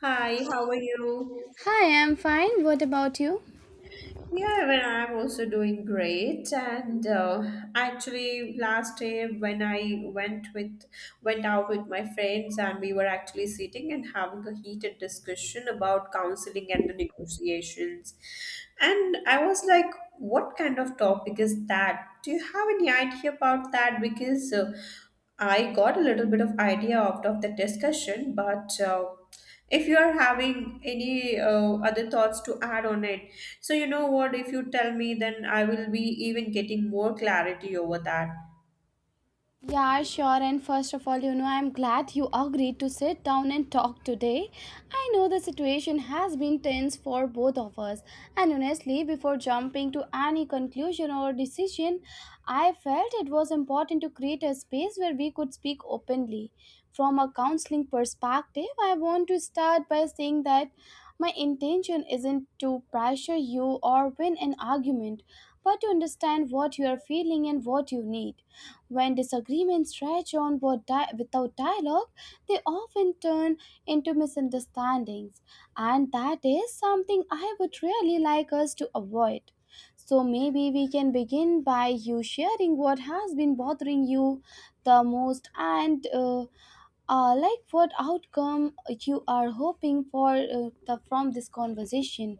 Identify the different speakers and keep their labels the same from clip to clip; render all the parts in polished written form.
Speaker 1: Hi, how are you?
Speaker 2: Hi, I'm fine. What about you?
Speaker 1: Yeah, well, I'm also doing great. And actually, last day when I went out with my friends, and we were actually sitting and having a heated discussion about counseling and the negotiations. And I was like, "What kind of topic is that? Do you have any idea about that?" Because I got a little bit of idea out of the discussion, but if you are having any other thoughts to add on it so you know what if you tell me then I will be even getting more clarity over that.
Speaker 2: Yeah, sure. And first of all, I'm glad you agreed to sit down and talk today. I know the situation has been tense for both of us. And honestly, before jumping to any conclusion or decision, I felt it was important to create a space where we could speak openly. From a counseling perspective, I want to start by saying that my intention isn't to pressure you or win an argument, but to understand what you are feeling and what you need. When disagreements stretch on without dialogue, they often turn into misunderstandings, and that is something I would really like us to avoid. So maybe we can begin by you sharing what has been bothering you the most, and like what outcome you are hoping for from this conversation.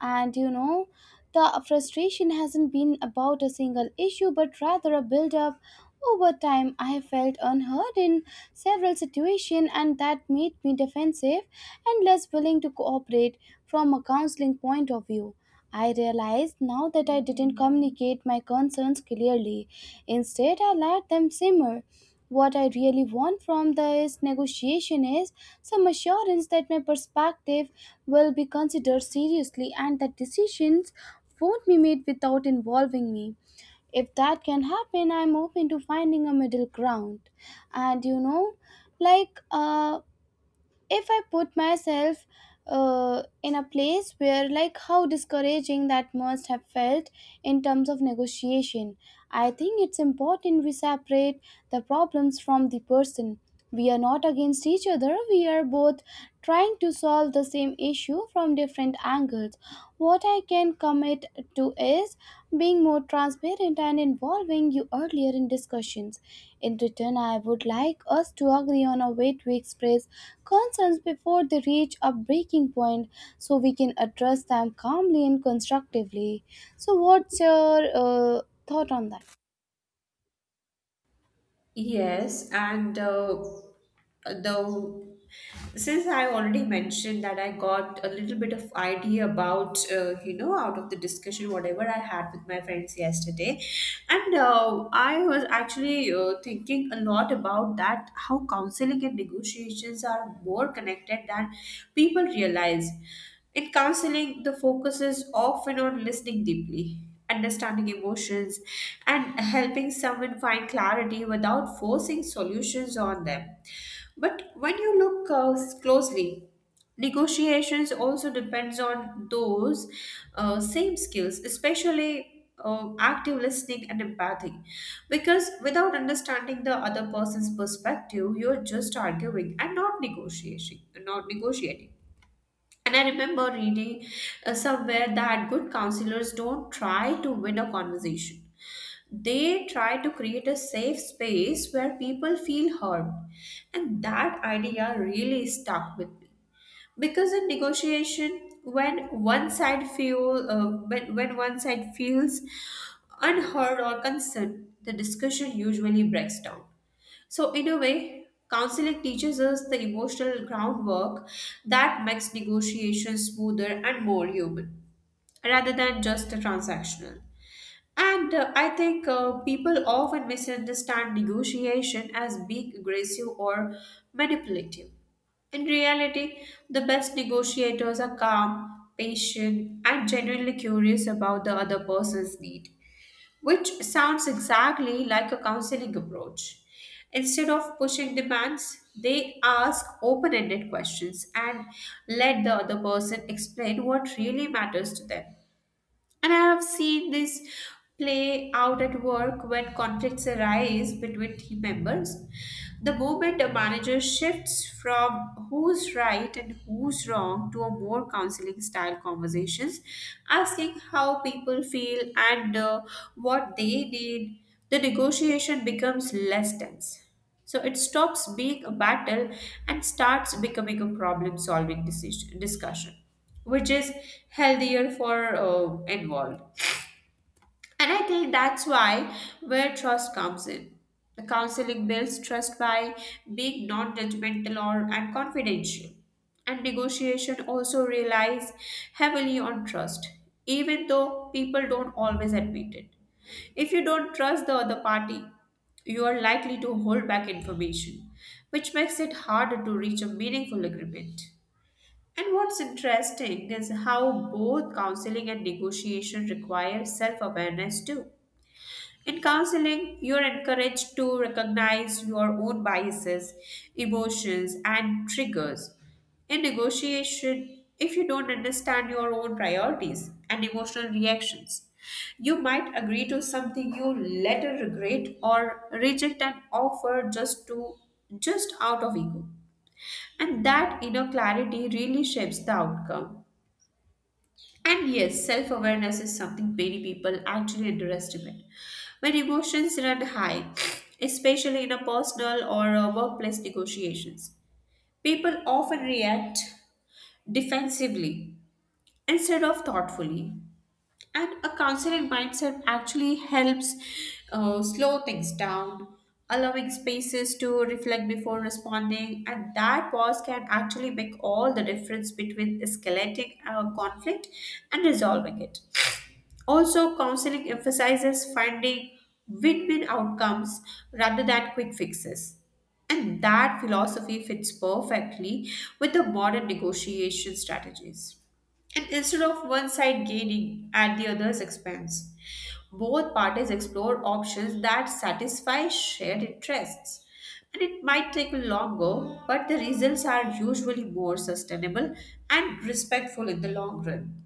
Speaker 2: And the frustration hasn't been about a single issue but rather a build up over time. I have felt unheard in several situations, and that made me defensive and less willing to cooperate from a counseling point of view. I realized now that I didn't communicate my concerns clearly. Instead, I let them simmer. What I really want from this negotiation is some assurance that my perspective will be considered seriously and that decisions won't be made without involving me. If that can happen, I'm open to finding a middle ground. And like if I put myself in a place where, like, how discouraging that must have felt in terms of negotiation. I think it's important we separate the problems from the person. We are not against each other. We are both trying to solve the same issue from different angles. What I can commit to is being more transparent and involving you earlier in discussions. In return, I would like us to agree on a way to express concerns before they reach a breaking point so we can address them calmly and constructively. So, what's your thought on that?
Speaker 1: Yes, and the since I already mentioned that I got a little bit of idea about out of the discussion whatever I had with my friends yesterday, and I was actually thinking a lot about that how counseling and negotiations are more connected than people realize. In counseling, the focus is often on listening deeply, understanding emotions, and helping someone find clarity without forcing solutions on them. But when you look closely, negotiations also depends on those same skills, especially active listening and empathy. Because without understanding the other person's perspective, you're just arguing and not negotiating. And I remember reading somewhere that good counselors don't try to win a conversation. They try to create a safe space where people feel heard. And that idea really stuck with me. Because in negotiation, when one side feels unheard or concerned, the discussion usually breaks down. So, in a way, counseling teaches us the emotional groundwork that makes negotiations smoother and more human rather than just transactional. And I think people often misunderstand negotiation as being aggressive or manipulative. In reality, the best negotiators are calm, patient, and genuinely curious about the other person's need, which sounds exactly like a counseling approach. Instead of pushing demands, they ask open ended questions and let the other person explain what really matters to them. And I have seen this play out at work when conflicts arise between team members. The moment a manager shifts from who's right and who's wrong to a more counseling style conversations, asking how people feel and what they need, the negotiation becomes less tense. So it stops being a battle and starts becoming a problem solving decision discussion which is healthier for involved. And I think that's why where trust comes in. The counseling builds trust by being non-judgmental or and confidential. And negotiation also relies heavily on trust, even though people don't always admit it. If you don't trust the other party, you are likely to hold back information, which makes it harder to reach a meaningful agreement. And what's interesting is how both counseling and negotiation require self awareness too. In counseling, you're encouraged to recognize your own biases, emotions, and triggers. In negotiation, if you don't understand your own priorities and emotional reactions, you might agree to something you later regret or reject an offer just out of ego. And that inner clarity really shapes the outcome. And yes, self awareness is something many people actually underestimate. When emotions run high, especially in a personal or a workplace negotiations, people often react defensively instead of thoughtfully. And a considerate mindset actually helps slow things down, allowing spaces to reflect before responding. And that pause can actually make all the difference between escalating a conflict and resolving it. Also, counseling emphasizes finding win win outcomes rather than quick fixes. And that philosophy fits perfectly with the modern negotiation strategies. And instead of one side gaining at the other's expense, both parties explore options that satisfy shared interests. And it might take longer, but the results are usually more sustainable and respectful in the long run.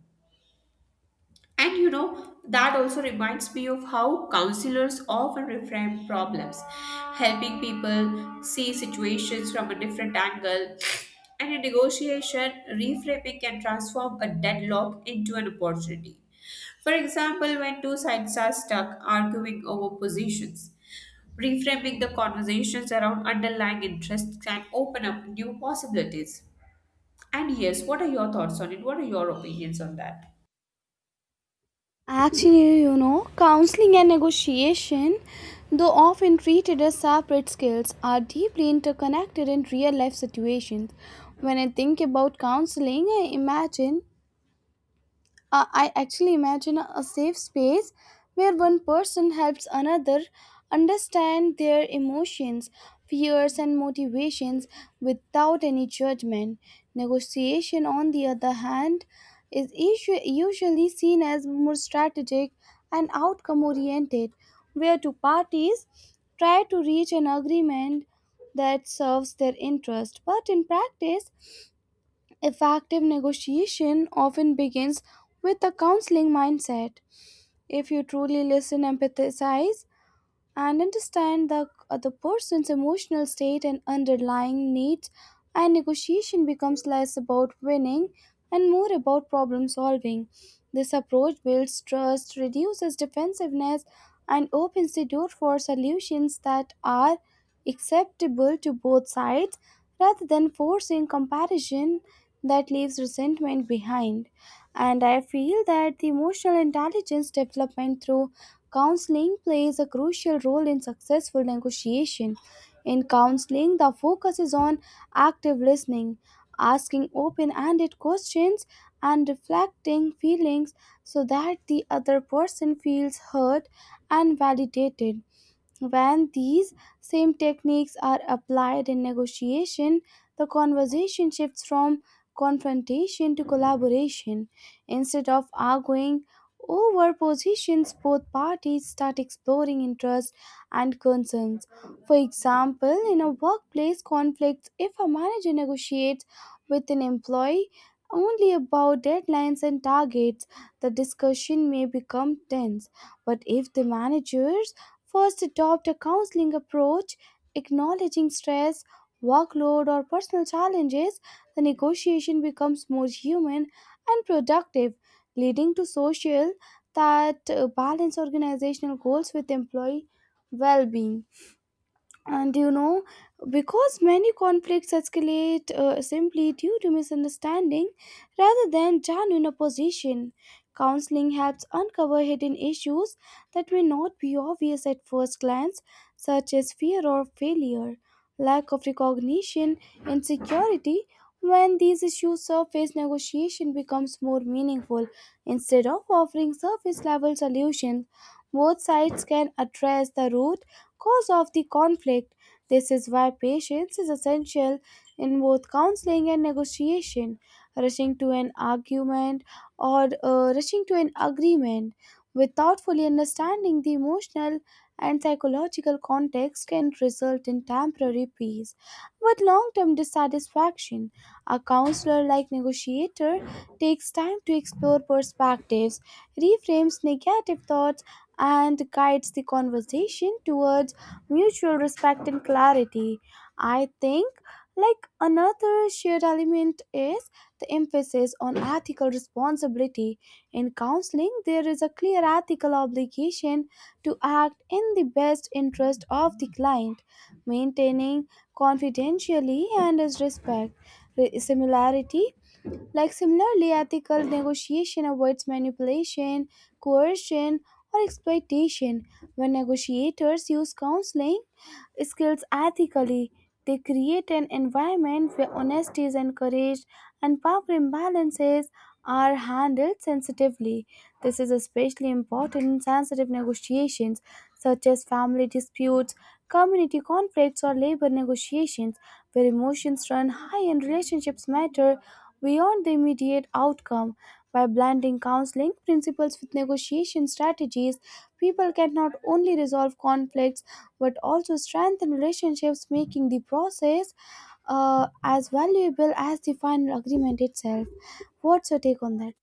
Speaker 1: And you know, that also reminds me of how counselors often reframe problems, helping people see situations from a different angle. And in negotiation, reframing can transform a deadlock into an opportunity. For example, when two sides are stuck arguing over positions, reframing the conversations around underlying interests can open up new possibilities. And yes, what are your thoughts on it? What are your opinions on that?
Speaker 2: Actually, counseling and negotiation, though often treated as separate skills, are deeply interconnected in real life situations. When I think about counseling, I actually imagine a safe space where one person helps another understand their emotions, fears, and motivations without any judgment. Negotiation, on the other hand, is usually seen as more strategic and outcome oriented, where two parties try to reach an agreement that serves their interest. But in practice, effective negotiation often begins with a counseling mindset. If you truly listen, empathize, and understand the other person's emotional state and underlying needs, and negotiation becomes less about winning and more about problem solving. This approach builds trust, reduces defensiveness, and opens the door for solutions that are acceptable to both sides, rather than forcing comparison that leaves resentment behind. And I feel that the emotional intelligence development through counseling plays a crucial role in successful negotiation. In counseling, the focus is on active listening, asking open ended questions, and reflecting feelings so that the other person feels heard and validated. When these same techniques are applied in negotiation, the conversation shifts from confrontation to collaboration. Instead of arguing over positions, both parties start exploring interests and concerns. For example, in a workplace conflict, if a manager negotiates with an employee only about deadlines and targets, the discussion may become tense. But if the manager first, adopt a counseling approach, acknowledging stress, workload, or personal challenges, the negotiation becomes more human and productive, leading to social that balance organizational goals with employee well being. And because many conflicts escalate simply due to misunderstanding rather than genuine opposition, counseling helps uncover hidden issues that may not be obvious at first glance, such as fear or failure, lack of recognition, insecurity. When these issues surface, negotiation becomes more meaningful. Instead of offering surface level solutions, both sides can address the root cause of the conflict. This is why patience is essential in both counseling and negotiation. Rushing to an argument, or rushing to an agreement without fully understanding the emotional and psychological context, can result in temporary peace but long term dissatisfaction. A counselor like negotiator takes time to explore perspectives, reframes negative thoughts, and guides the conversation towards mutual respect and clarity. I think, like, another shared element is the emphasis on ethical responsibility. In counseling, there is a clear ethical obligation to act in the best interest of the client, maintaining confidentiality and his respect. Re- Similarity like similarly, ethical negotiation avoids manipulation, coercion, or exploitation. When negotiators use counseling skills ethically, they create an environment where honesty is encouraged and power imbalances are handled sensitively. This is especially important in sensitive negotiations such as family disputes, community conflicts, or labor negotiations, where emotions run high and relationships matter beyond the immediate outcome. By blending counseling principles with negotiation strategies, people can not only resolve conflicts but also strengthen relationships, making the process as valuable as the final agreement itself. What's your take on that?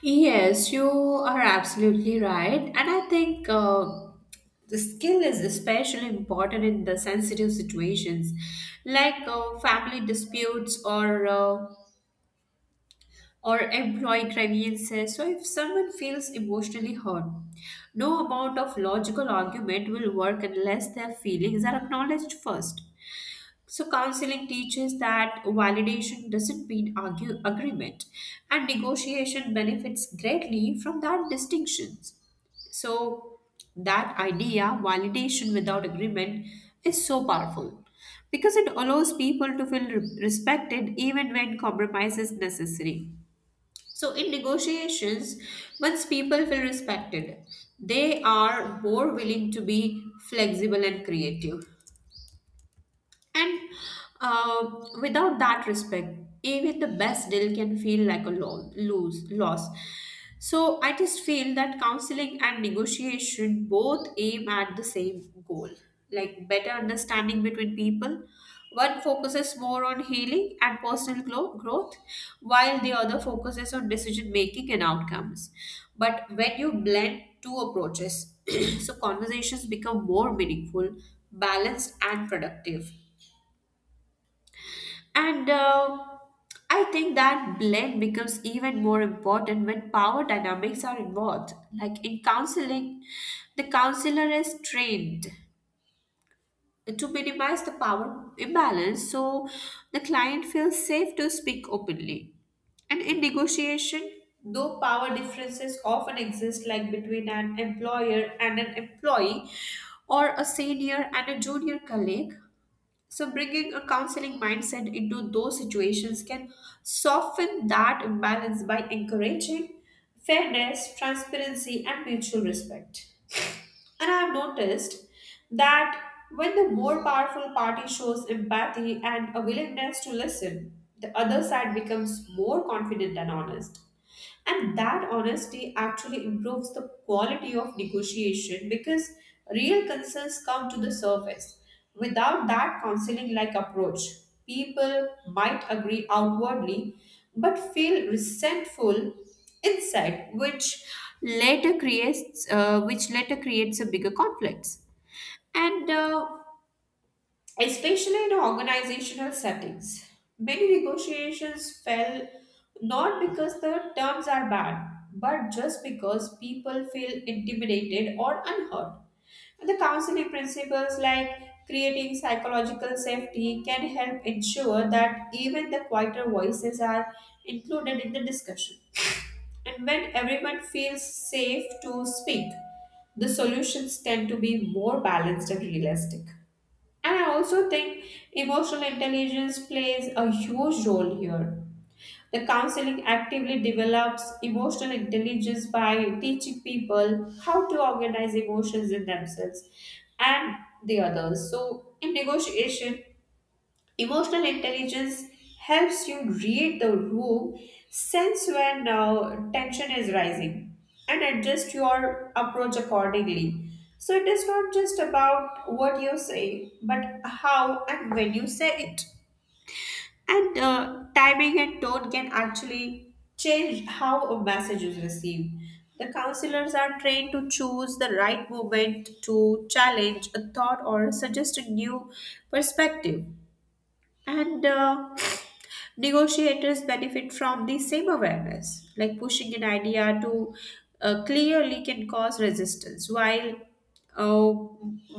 Speaker 1: Yes, you are absolutely right. And I think the skill is especially important in the sensitive situations like family disputes or employee grievances. So if someone feels emotionally hurt, no amount of logical argument will work unless their feelings are acknowledged first. So, counseling teaches that validation doesn't mean argue, agreement, and negotiation benefits greatly from that distinction. So, that idea, validation without agreement, is so powerful because it allows people to feel respected even when compromise is necessary. So, in negotiations, once people feel respected, they are more willing to be flexible and creative. And uh, without that respect, even the best deal can feel like a lo- lose loss. So I just feel that counseling and negotiation both aim at the same goal, like better understanding between people. One focuses more on healing and personal growth, while the other focuses on decision making and outcomes. But when you blend two approaches, so conversations become more meaningful, balanced, and productive. And I think that blend becomes even more important when power dynamics are involved. Like in counseling, the counselor is trained to minimize the power imbalance so the client feels safe to speak openly. And in negotiation, though power differences often exist, like between an employer and an employee, or a senior and a junior colleague, so, bringing a counseling mindset into those situations can soften that imbalance by encouraging fairness, transparency, and mutual respect. And I have noticed that when the more powerful party shows empathy and a willingness to listen, the other side becomes more confident and honest, and that honesty actually improves the quality of negotiation because real concerns come to the surface. Without that counseling like approach, people might agree outwardly but feel resentful inside, which later creates a bigger conflicts, and especially in organizational settings. Many negotiations fell not because the terms are bad, but just because people feel intimidated or unheard. The counseling principles like creating psychological safety can help ensure that even the quieter voices are included in the discussion. And when everyone feels safe to speak, the solutions tend to be more balanced and realistic. And I also think emotional intelligence plays a huge role here. The counseling actively develops emotional intelligence by teaching people how to organize emotions in themselves and the others. So, in negotiation, emotional intelligence helps you read the room, sense when tension is rising, and adjust your approach accordingly. So it is not just about what you say, but how and when you say it. And timing and tone can actually change how a message is received. The counselors are trained to choose the right moment to challenge a thought or suggest a new perspective. And negotiators benefit from the same awareness, like pushing an idea to clearly can cause resistance while uh,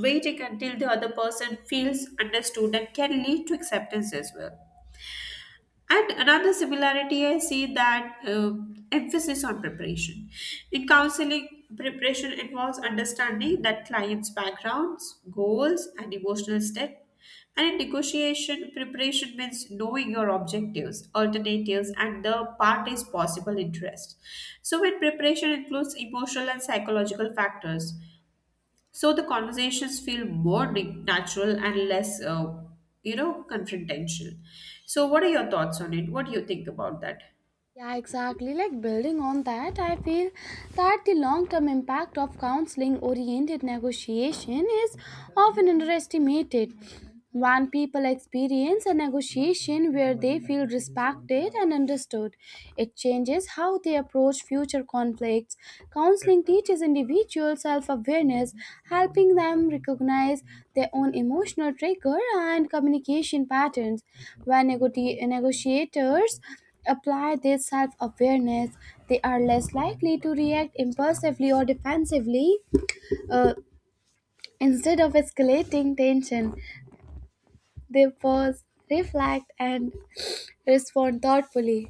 Speaker 1: waiting until the other person feels understood and can lead to acceptance as well. And another similarity I see that emphasis on preparation. In counseling, preparation involves understanding that client's backgrounds, goals, and emotional state. And in negotiation, preparation means knowing your objectives, alternatives, and the party's possible interests. So, when preparation includes emotional and psychological factors, so the conversations feel more natural and less confrontational. So what are your thoughts on it? What do you think about that?
Speaker 2: Yeah, exactly. Like, building on that, I feel that the long term impact of counseling oriented negotiation is often underestimated. When people experience a negotiation where they feel respected and understood, it changes how they approach future conflicts. Counseling teaches individuals self awareness, helping them recognize their own emotional trigger and communication patterns. When negotiators apply this self awareness, they are less likely to react impulsively or defensively. Uh, Instead of escalating tension, they pause, reflect, and respond thoughtfully.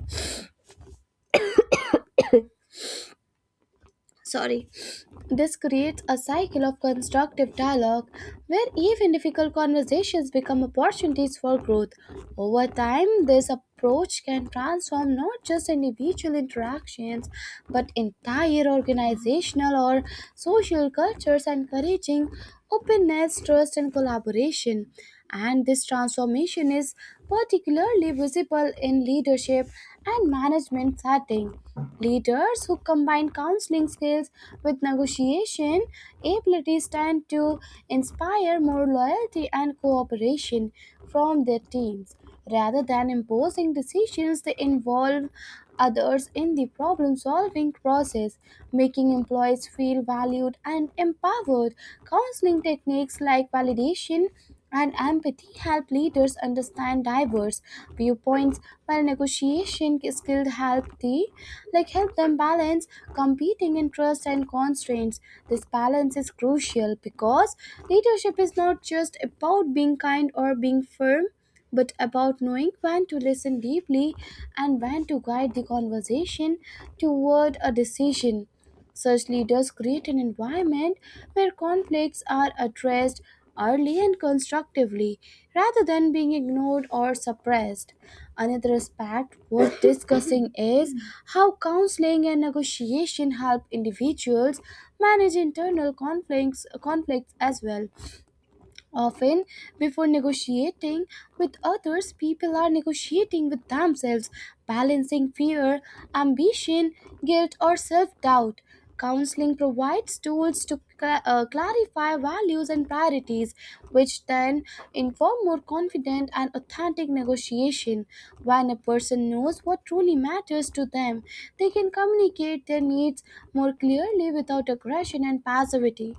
Speaker 2: Sorry. This creates a cycle of constructive dialogue where even difficult conversations become opportunities for growth. Over time, this approach can transform not just individual interactions but entire organizational or social cultures, encouraging openness, trust, and collaboration. And this transformation is particularly visible in leadership and management setting. Leaders who combine counseling skills with negotiation abilities tend to inspire more loyalty and cooperation from their teams. Rather than imposing decisions, they involve others in the problem solving process, making employees feel valued and empowered. Counseling techniques like validation and empathy help leaders understand diverse viewpoints, while negotiation skills help the like help them balance competing interests and constraints. This balance is crucial because leadership is not just about being kind or being firm, but about knowing when to listen deeply and when to guide the conversation toward a decision. Such leaders create an environment where conflicts are addressed early and constructively rather than being ignored or suppressed. Another aspect worth discussing is how counseling and negotiation help individuals manage internal conflicts as well. Often, before negotiating with others, people are negotiating with themselves, balancing fear, ambition, guilt, or self doubt. Counseling provides tools to clarify values and priorities, which then inform more confident and authentic negotiation. When a person knows what truly matters to them, they can communicate their needs more clearly without aggression and passivity.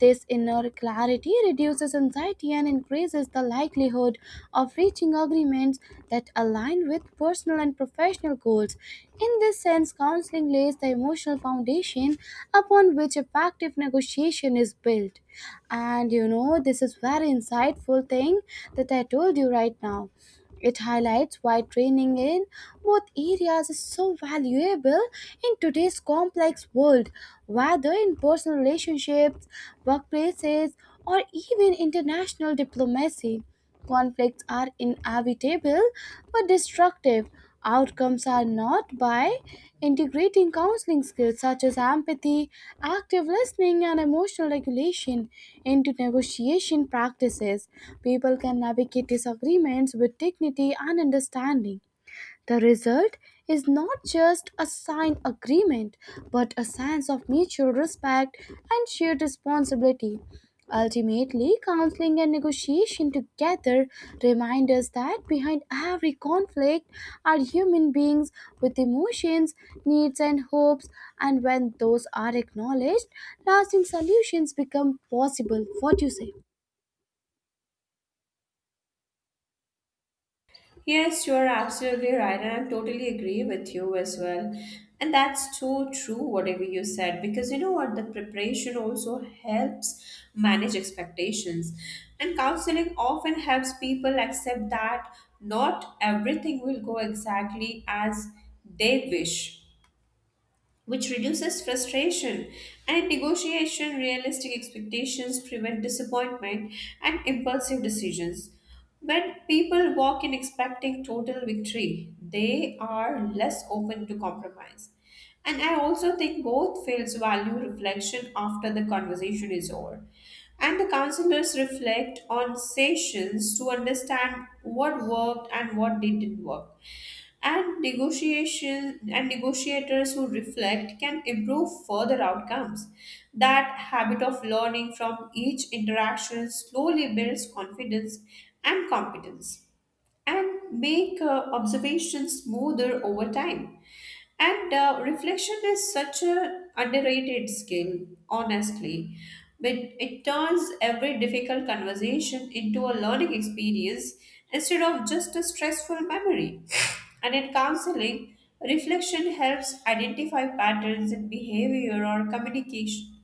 Speaker 2: This inner clarity reduces anxiety and increases the likelihood of reaching agreements that align with personal and professional goals. In this sense, counseling lays the emotional foundation upon which effective negotiation is built. And this is very insightful thing that I told you right now. It highlights why training in both areas is so valuable in today's complex world, whether in personal relationships, workplaces, or even international diplomacy. Conflicts are inevitable but destructive outcomes are not. By integrating counseling skills such as empathy, active listening, and emotional regulation into negotiation practices, people can navigate disagreements with dignity and understanding. The result is not just a signed agreement, but a sense of mutual respect and shared responsibility. Ultimately, counseling and negotiation together remind us that behind every conflict are human beings with emotions, needs, and hopes, and when those are acknowledged, lasting solutions become possible. What do you say?
Speaker 1: Yes, you're absolutely right, and I totally agree with you as well. And that's so true, whatever you said, because you know what, the preparation also helps manage expectations. And counseling often helps people accept that not everything will go exactly as they wish, which reduces frustration, and in negotiation realistic expectations prevent disappointment and impulsive decisions. When people walk in expecting total victory they are less open to compromise, and I also think both fields value reflection after the conversation is over, and the counselors reflect on sessions to understand what worked and what didn't work. And negotiation and negotiators who reflect can improve further outcomes. That habit of learning from each interaction slowly builds confidence and competence and make observations smoother over time. And reflection is such an underrated skill, honestly. But it turns every difficult conversation into a learning experience instead of just a stressful memory. And in counseling, reflection helps identify patterns in behavior or communication.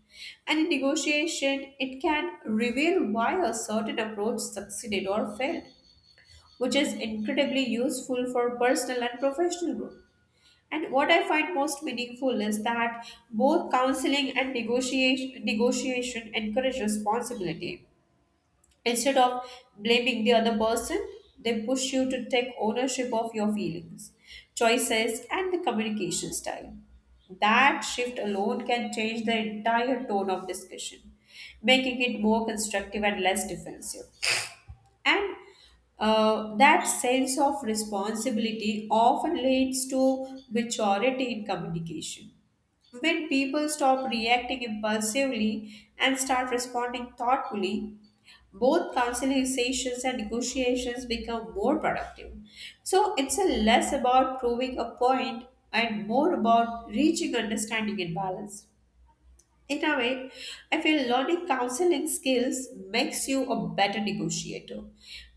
Speaker 1: And in negotiation, it can reveal why a certain approach succeeded or failed, which is incredibly useful for personal and professional growth. And what I find most meaningful is that both counseling and negotiation encourage responsibility. Instead of blaming the other person, they push you to take ownership of your feelings, choices, and the communication style. That shift alone can change the entire tone of discussion, making it more constructive and less defensive. And That sense of responsibility often leads to maturity in communication. When people stop reacting impulsively and start responding thoughtfully, both conciliations and negotiations become more productive. So it's a less about proving a point and more about reaching understanding and balance. In a way, I feel learning counseling skills makes you a better negotiator.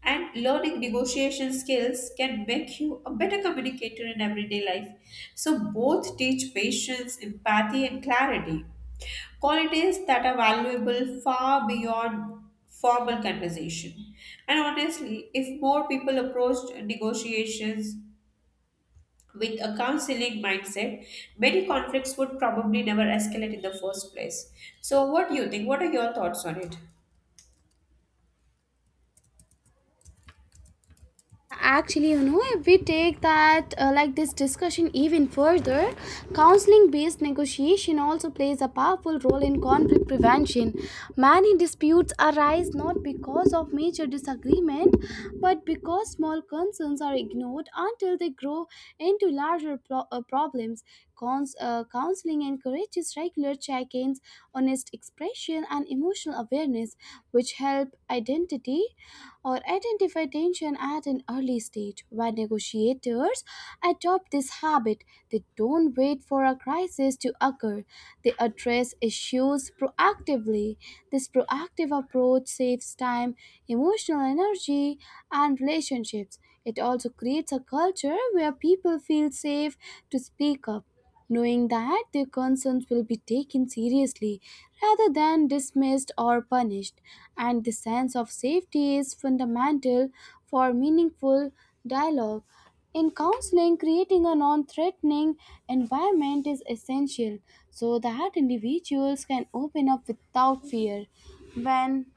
Speaker 1: And learning negotiation skills can make you a better communicator in everyday life. So, both teach patience, empathy, and clarity qualities that are valuable far beyond formal conversation. And honestly, if more people approached negotiations with a counseling mindset, many conflicts would probably never escalate in the first place. So, what do you think? What are your thoughts on it?
Speaker 2: Actually, if we take that like this discussion even further, counseling based negotiation also plays a powerful role in conflict prevention. Many disputes arise not because of major disagreement, but because small concerns are ignored until they grow into larger problems. Counseling encourages regular check ins, honest expression, and emotional awareness, which help identity or identify tension at an early stage. When negotiators adopt this habit, they don't wait for a crisis to occur, they address issues proactively. This proactive approach saves time, emotional energy, and relationships. It also creates a culture where people feel safe to speak up, knowing that their concerns will be taken seriously rather than dismissed or punished. And the sense of safety is fundamental for meaningful dialogue. In counseling, creating a non threatening environment is essential so that individuals can open up without fear. When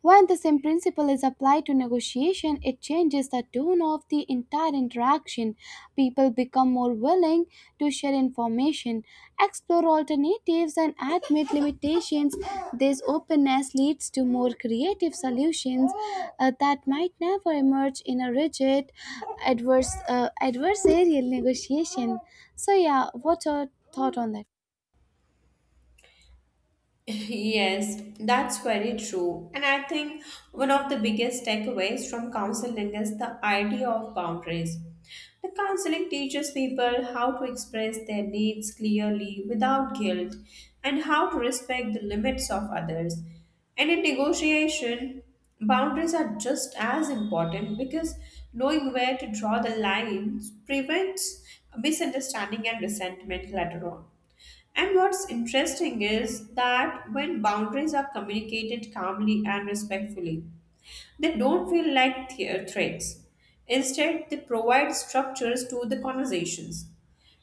Speaker 2: when the same principle is applied to negotiation, it changes the tone of the entire interaction. People become more willing to share information, explore alternatives, and admit limitations. This openness leads to more creative solutions that might never emerge in a rigid adversarial negotiation. So, yeah, what's your thought on that?
Speaker 1: Yes, that's very true. And I think one of the biggest takeaways from counseling is the idea of boundaries. The counseling teaches people how to express their needs clearly without guilt and how to respect the limits of others. And in negotiation, boundaries are just as important because knowing where to draw the lines prevents misunderstanding and resentment later on. And what's interesting is that when boundaries are communicated calmly and respectfully, they don't feel like threats. Instead, they provide structures to the conversations.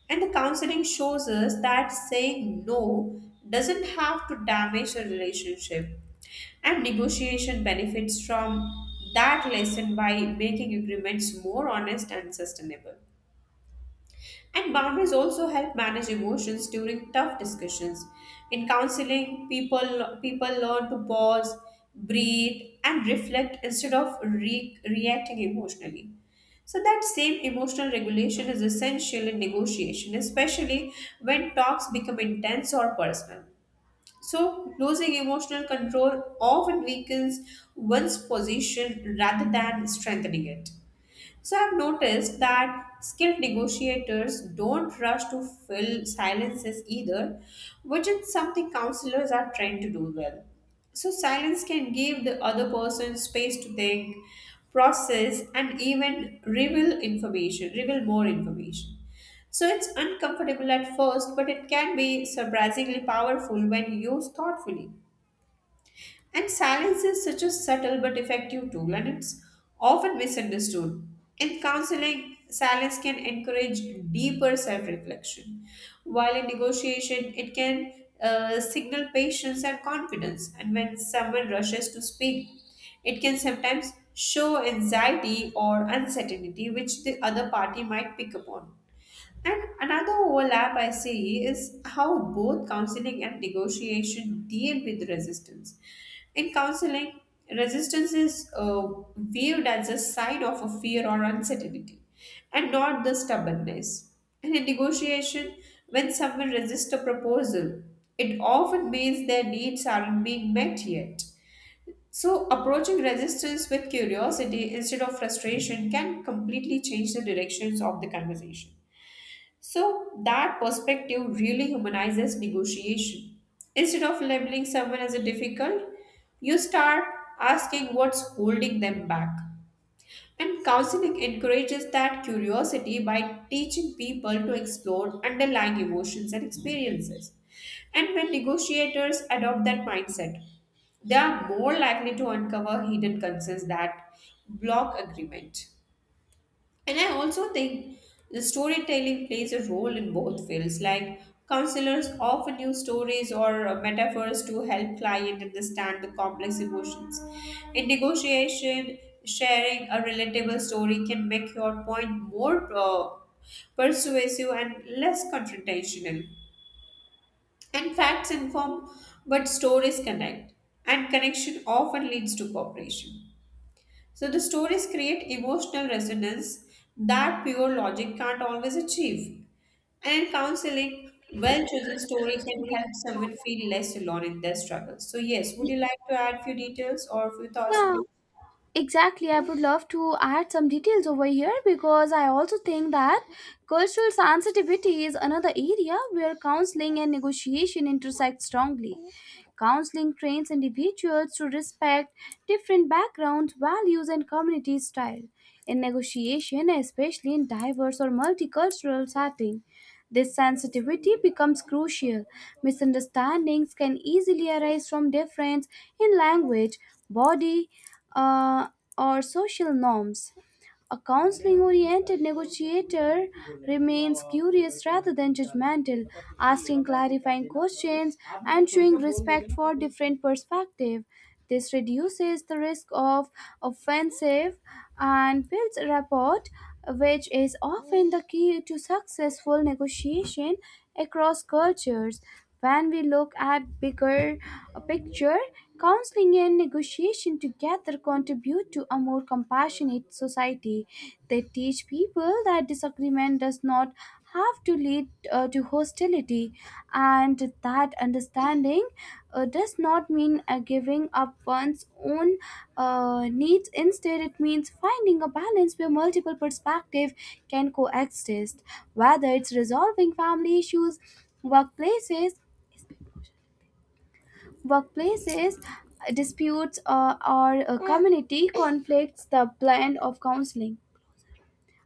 Speaker 1: And the counseling shows us that saying no doesn't have to damage a relationship. And negotiation benefits from that lesson by making agreements more honest and sustainable. And boundaries also help manage emotions during tough discussions. In counseling, people learn to pause, breathe, and reflect instead of reacting emotionally. So that same emotional regulation is essential in negotiation, especially when talks become intense or personal. So losing emotional control often weakens one's position rather than strengthening it. So I've noticed that skilled negotiators don't rush to fill silences either, which is something counselors are trained to do well. So silence can give the other person space to think, process, and even reveal information, reveal more information. So it's uncomfortable at first, but it can be surprisingly powerful when used thoughtfully. And silence is such a subtle but effective tool, and it's often misunderstood. In counseling, silence can encourage deeper self reflection, while in negotiation, it can signal patience and confidence. And when someone rushes to speak, it can sometimes show anxiety or uncertainty, which the other party might pick up on. And another overlap I see is how both counseling and negotiation deal with resistance. In counseling, resistance is viewed as a side of a fear or uncertainty and not the stubbornness. And in negotiation, when someone resists a proposal, it often means their needs aren't being met yet. So, approaching resistance with curiosity instead of frustration can completely change the directions of the conversation. So that perspective really humanizes negotiation. Instead of labeling someone as a difficult, you start asking what's holding them back. And counseling encourages that curiosity by teaching people to explore underlying emotions and experiences. And when negotiators adopt that mindset, they are more likely to uncover hidden concerns that block agreement. And I also think the storytelling plays a role in both fields. Like counselors often use stories or metaphors to help client understand the complex emotions. In negotiation, sharing a relatable story can make your point more persuasive and less confrontational. And facts inform, but stories connect, and connection often leads to cooperation. So the stories create emotional resonance that pure logic can't always achieve. And in counseling, well chosen story can help someone feel less alone in their struggles. So yes, would you like to add few details or few thoughts?
Speaker 2: Yeah, exactly, I would love to add some details over here because I also think that cultural sensitivity is another area where counseling and negotiation intersect strongly. Counseling trains individuals to respect different backgrounds, values, and community style in negotiation, especially in diverse or multicultural setting. This sensitivity becomes crucial. Misunderstandings can easily arise from difference in language, body, uh, or social norms. A counseling oriented negotiator remains curious rather than judgmental, asking clarifying questions and showing respect for different perspectives. This reduces the risk of offensive and builds rapport, which is often the key to successful negotiation across cultures. When we look at bigger picture, counseling and negotiation together contribute to a more compassionate society. They teach people that disagreement does not have to lead to hostility, and that understanding does not mean giving up one's own needs. Instead, it means finding a balance where multiple perspectives can coexist, whether it's resolving family issues, Workplaces, workplaces disputes, or community conflicts. The blend of counseling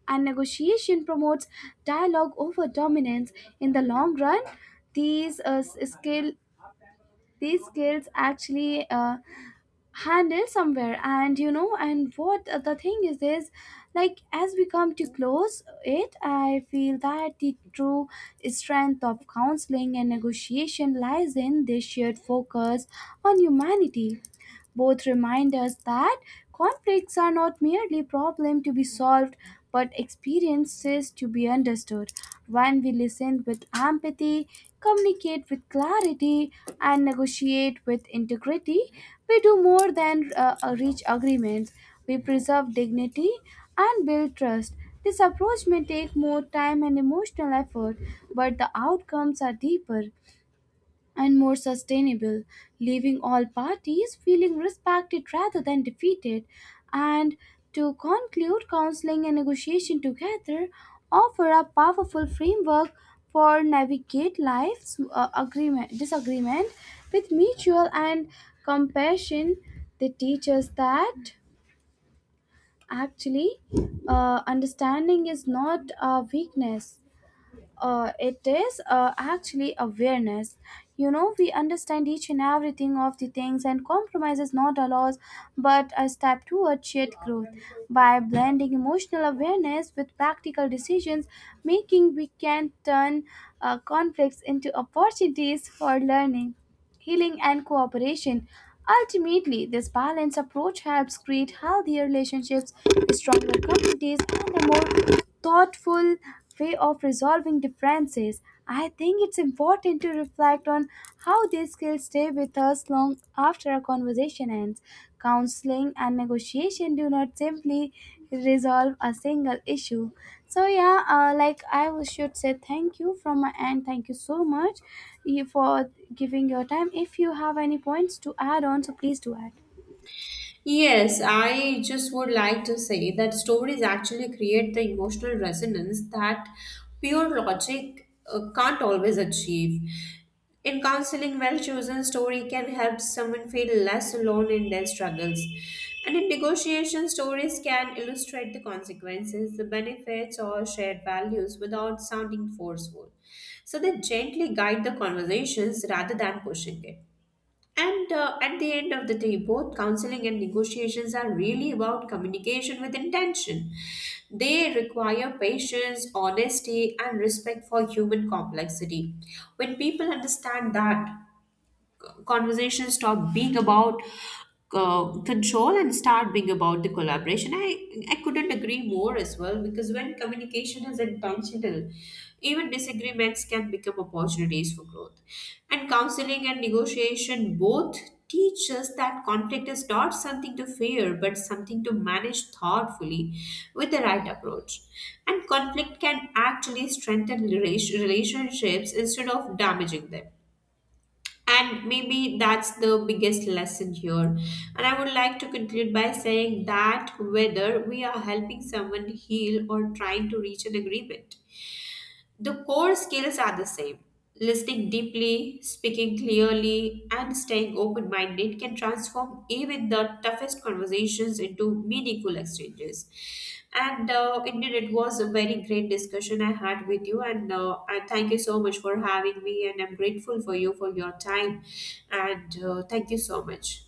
Speaker 2: and negotiation promotes dialogue over dominance. In the long run, these uh, s- skill these skills actually handle somewhere. And and what the thing is, like, as we come to close it, I feel that the true strength of counseling and negotiation lies in this shared focus on humanity. Both remind us that conflicts are not merely problems to be solved but experiences to be understood. When we listen with empathy, communicate with clarity, and negotiate with integrity, we do more than reach agreements. We preserve dignity and build trust. This approach may take more time and emotional effort, but the outcomes are deeper and more sustainable, leaving all parties feeling respected rather than defeated. And to conclude, counseling and negotiation together offer a powerful framework for navigate life's agreement disagreement with mutual and compassion. They teach us that actually understanding is not a weakness, it is actually awareness. We understand each and everything of the things, and compromise is not a loss but a step toward shared growth. By blending emotional awareness with practical decisions making, we can turn conflicts into opportunities for learning, healing, and cooperation. Ultimately, this balanced approach helps create healthier relationships, stronger communities, and a more thoughtful way of resolving differences. I think it's important to reflect on how these skills stay with us long after a conversation ends. Counseling and negotiation do not simply resolve a single issue. So yeah, like should say thank you from my end. Thank you so much you for giving your time. If you have any points to add on, so please do add.
Speaker 1: Yes, I just would like to say that stories actually create the emotional resonance that pure logic can't always achieve. In counseling, well chosen story can help someone feel less alone in their struggles. And in negotiation, stories can illustrate the consequences, the benefits, or shared values without sounding forceful. So they gently guide the conversations rather than pushing it. And At the end of the day, both counseling and negotiations are really about communication with intention. They require patience, honesty, and respect for human complexity. When people understand that, conversations stop being about control and start being about the collaboration. I couldn't agree more as well because when communication is intentional, even disagreements can become opportunities for growth. And counseling and negotiation both teach us that conflict is not something to fear but something to manage thoughtfully with the right approach. And conflict can actually strengthen relationships instead of damaging them. And maybe that's the biggest lesson here. And I would like to conclude by saying that whether we are helping someone heal or trying to reach an agreement, the core skills are the same. Listening deeply, speaking clearly, and staying open minded can transform even the toughest conversations into meaningful exchanges. And Indeed, it was a very great discussion I had with you. And I thank you so much for having me. And I'm grateful for you for your time. And Thank you so much.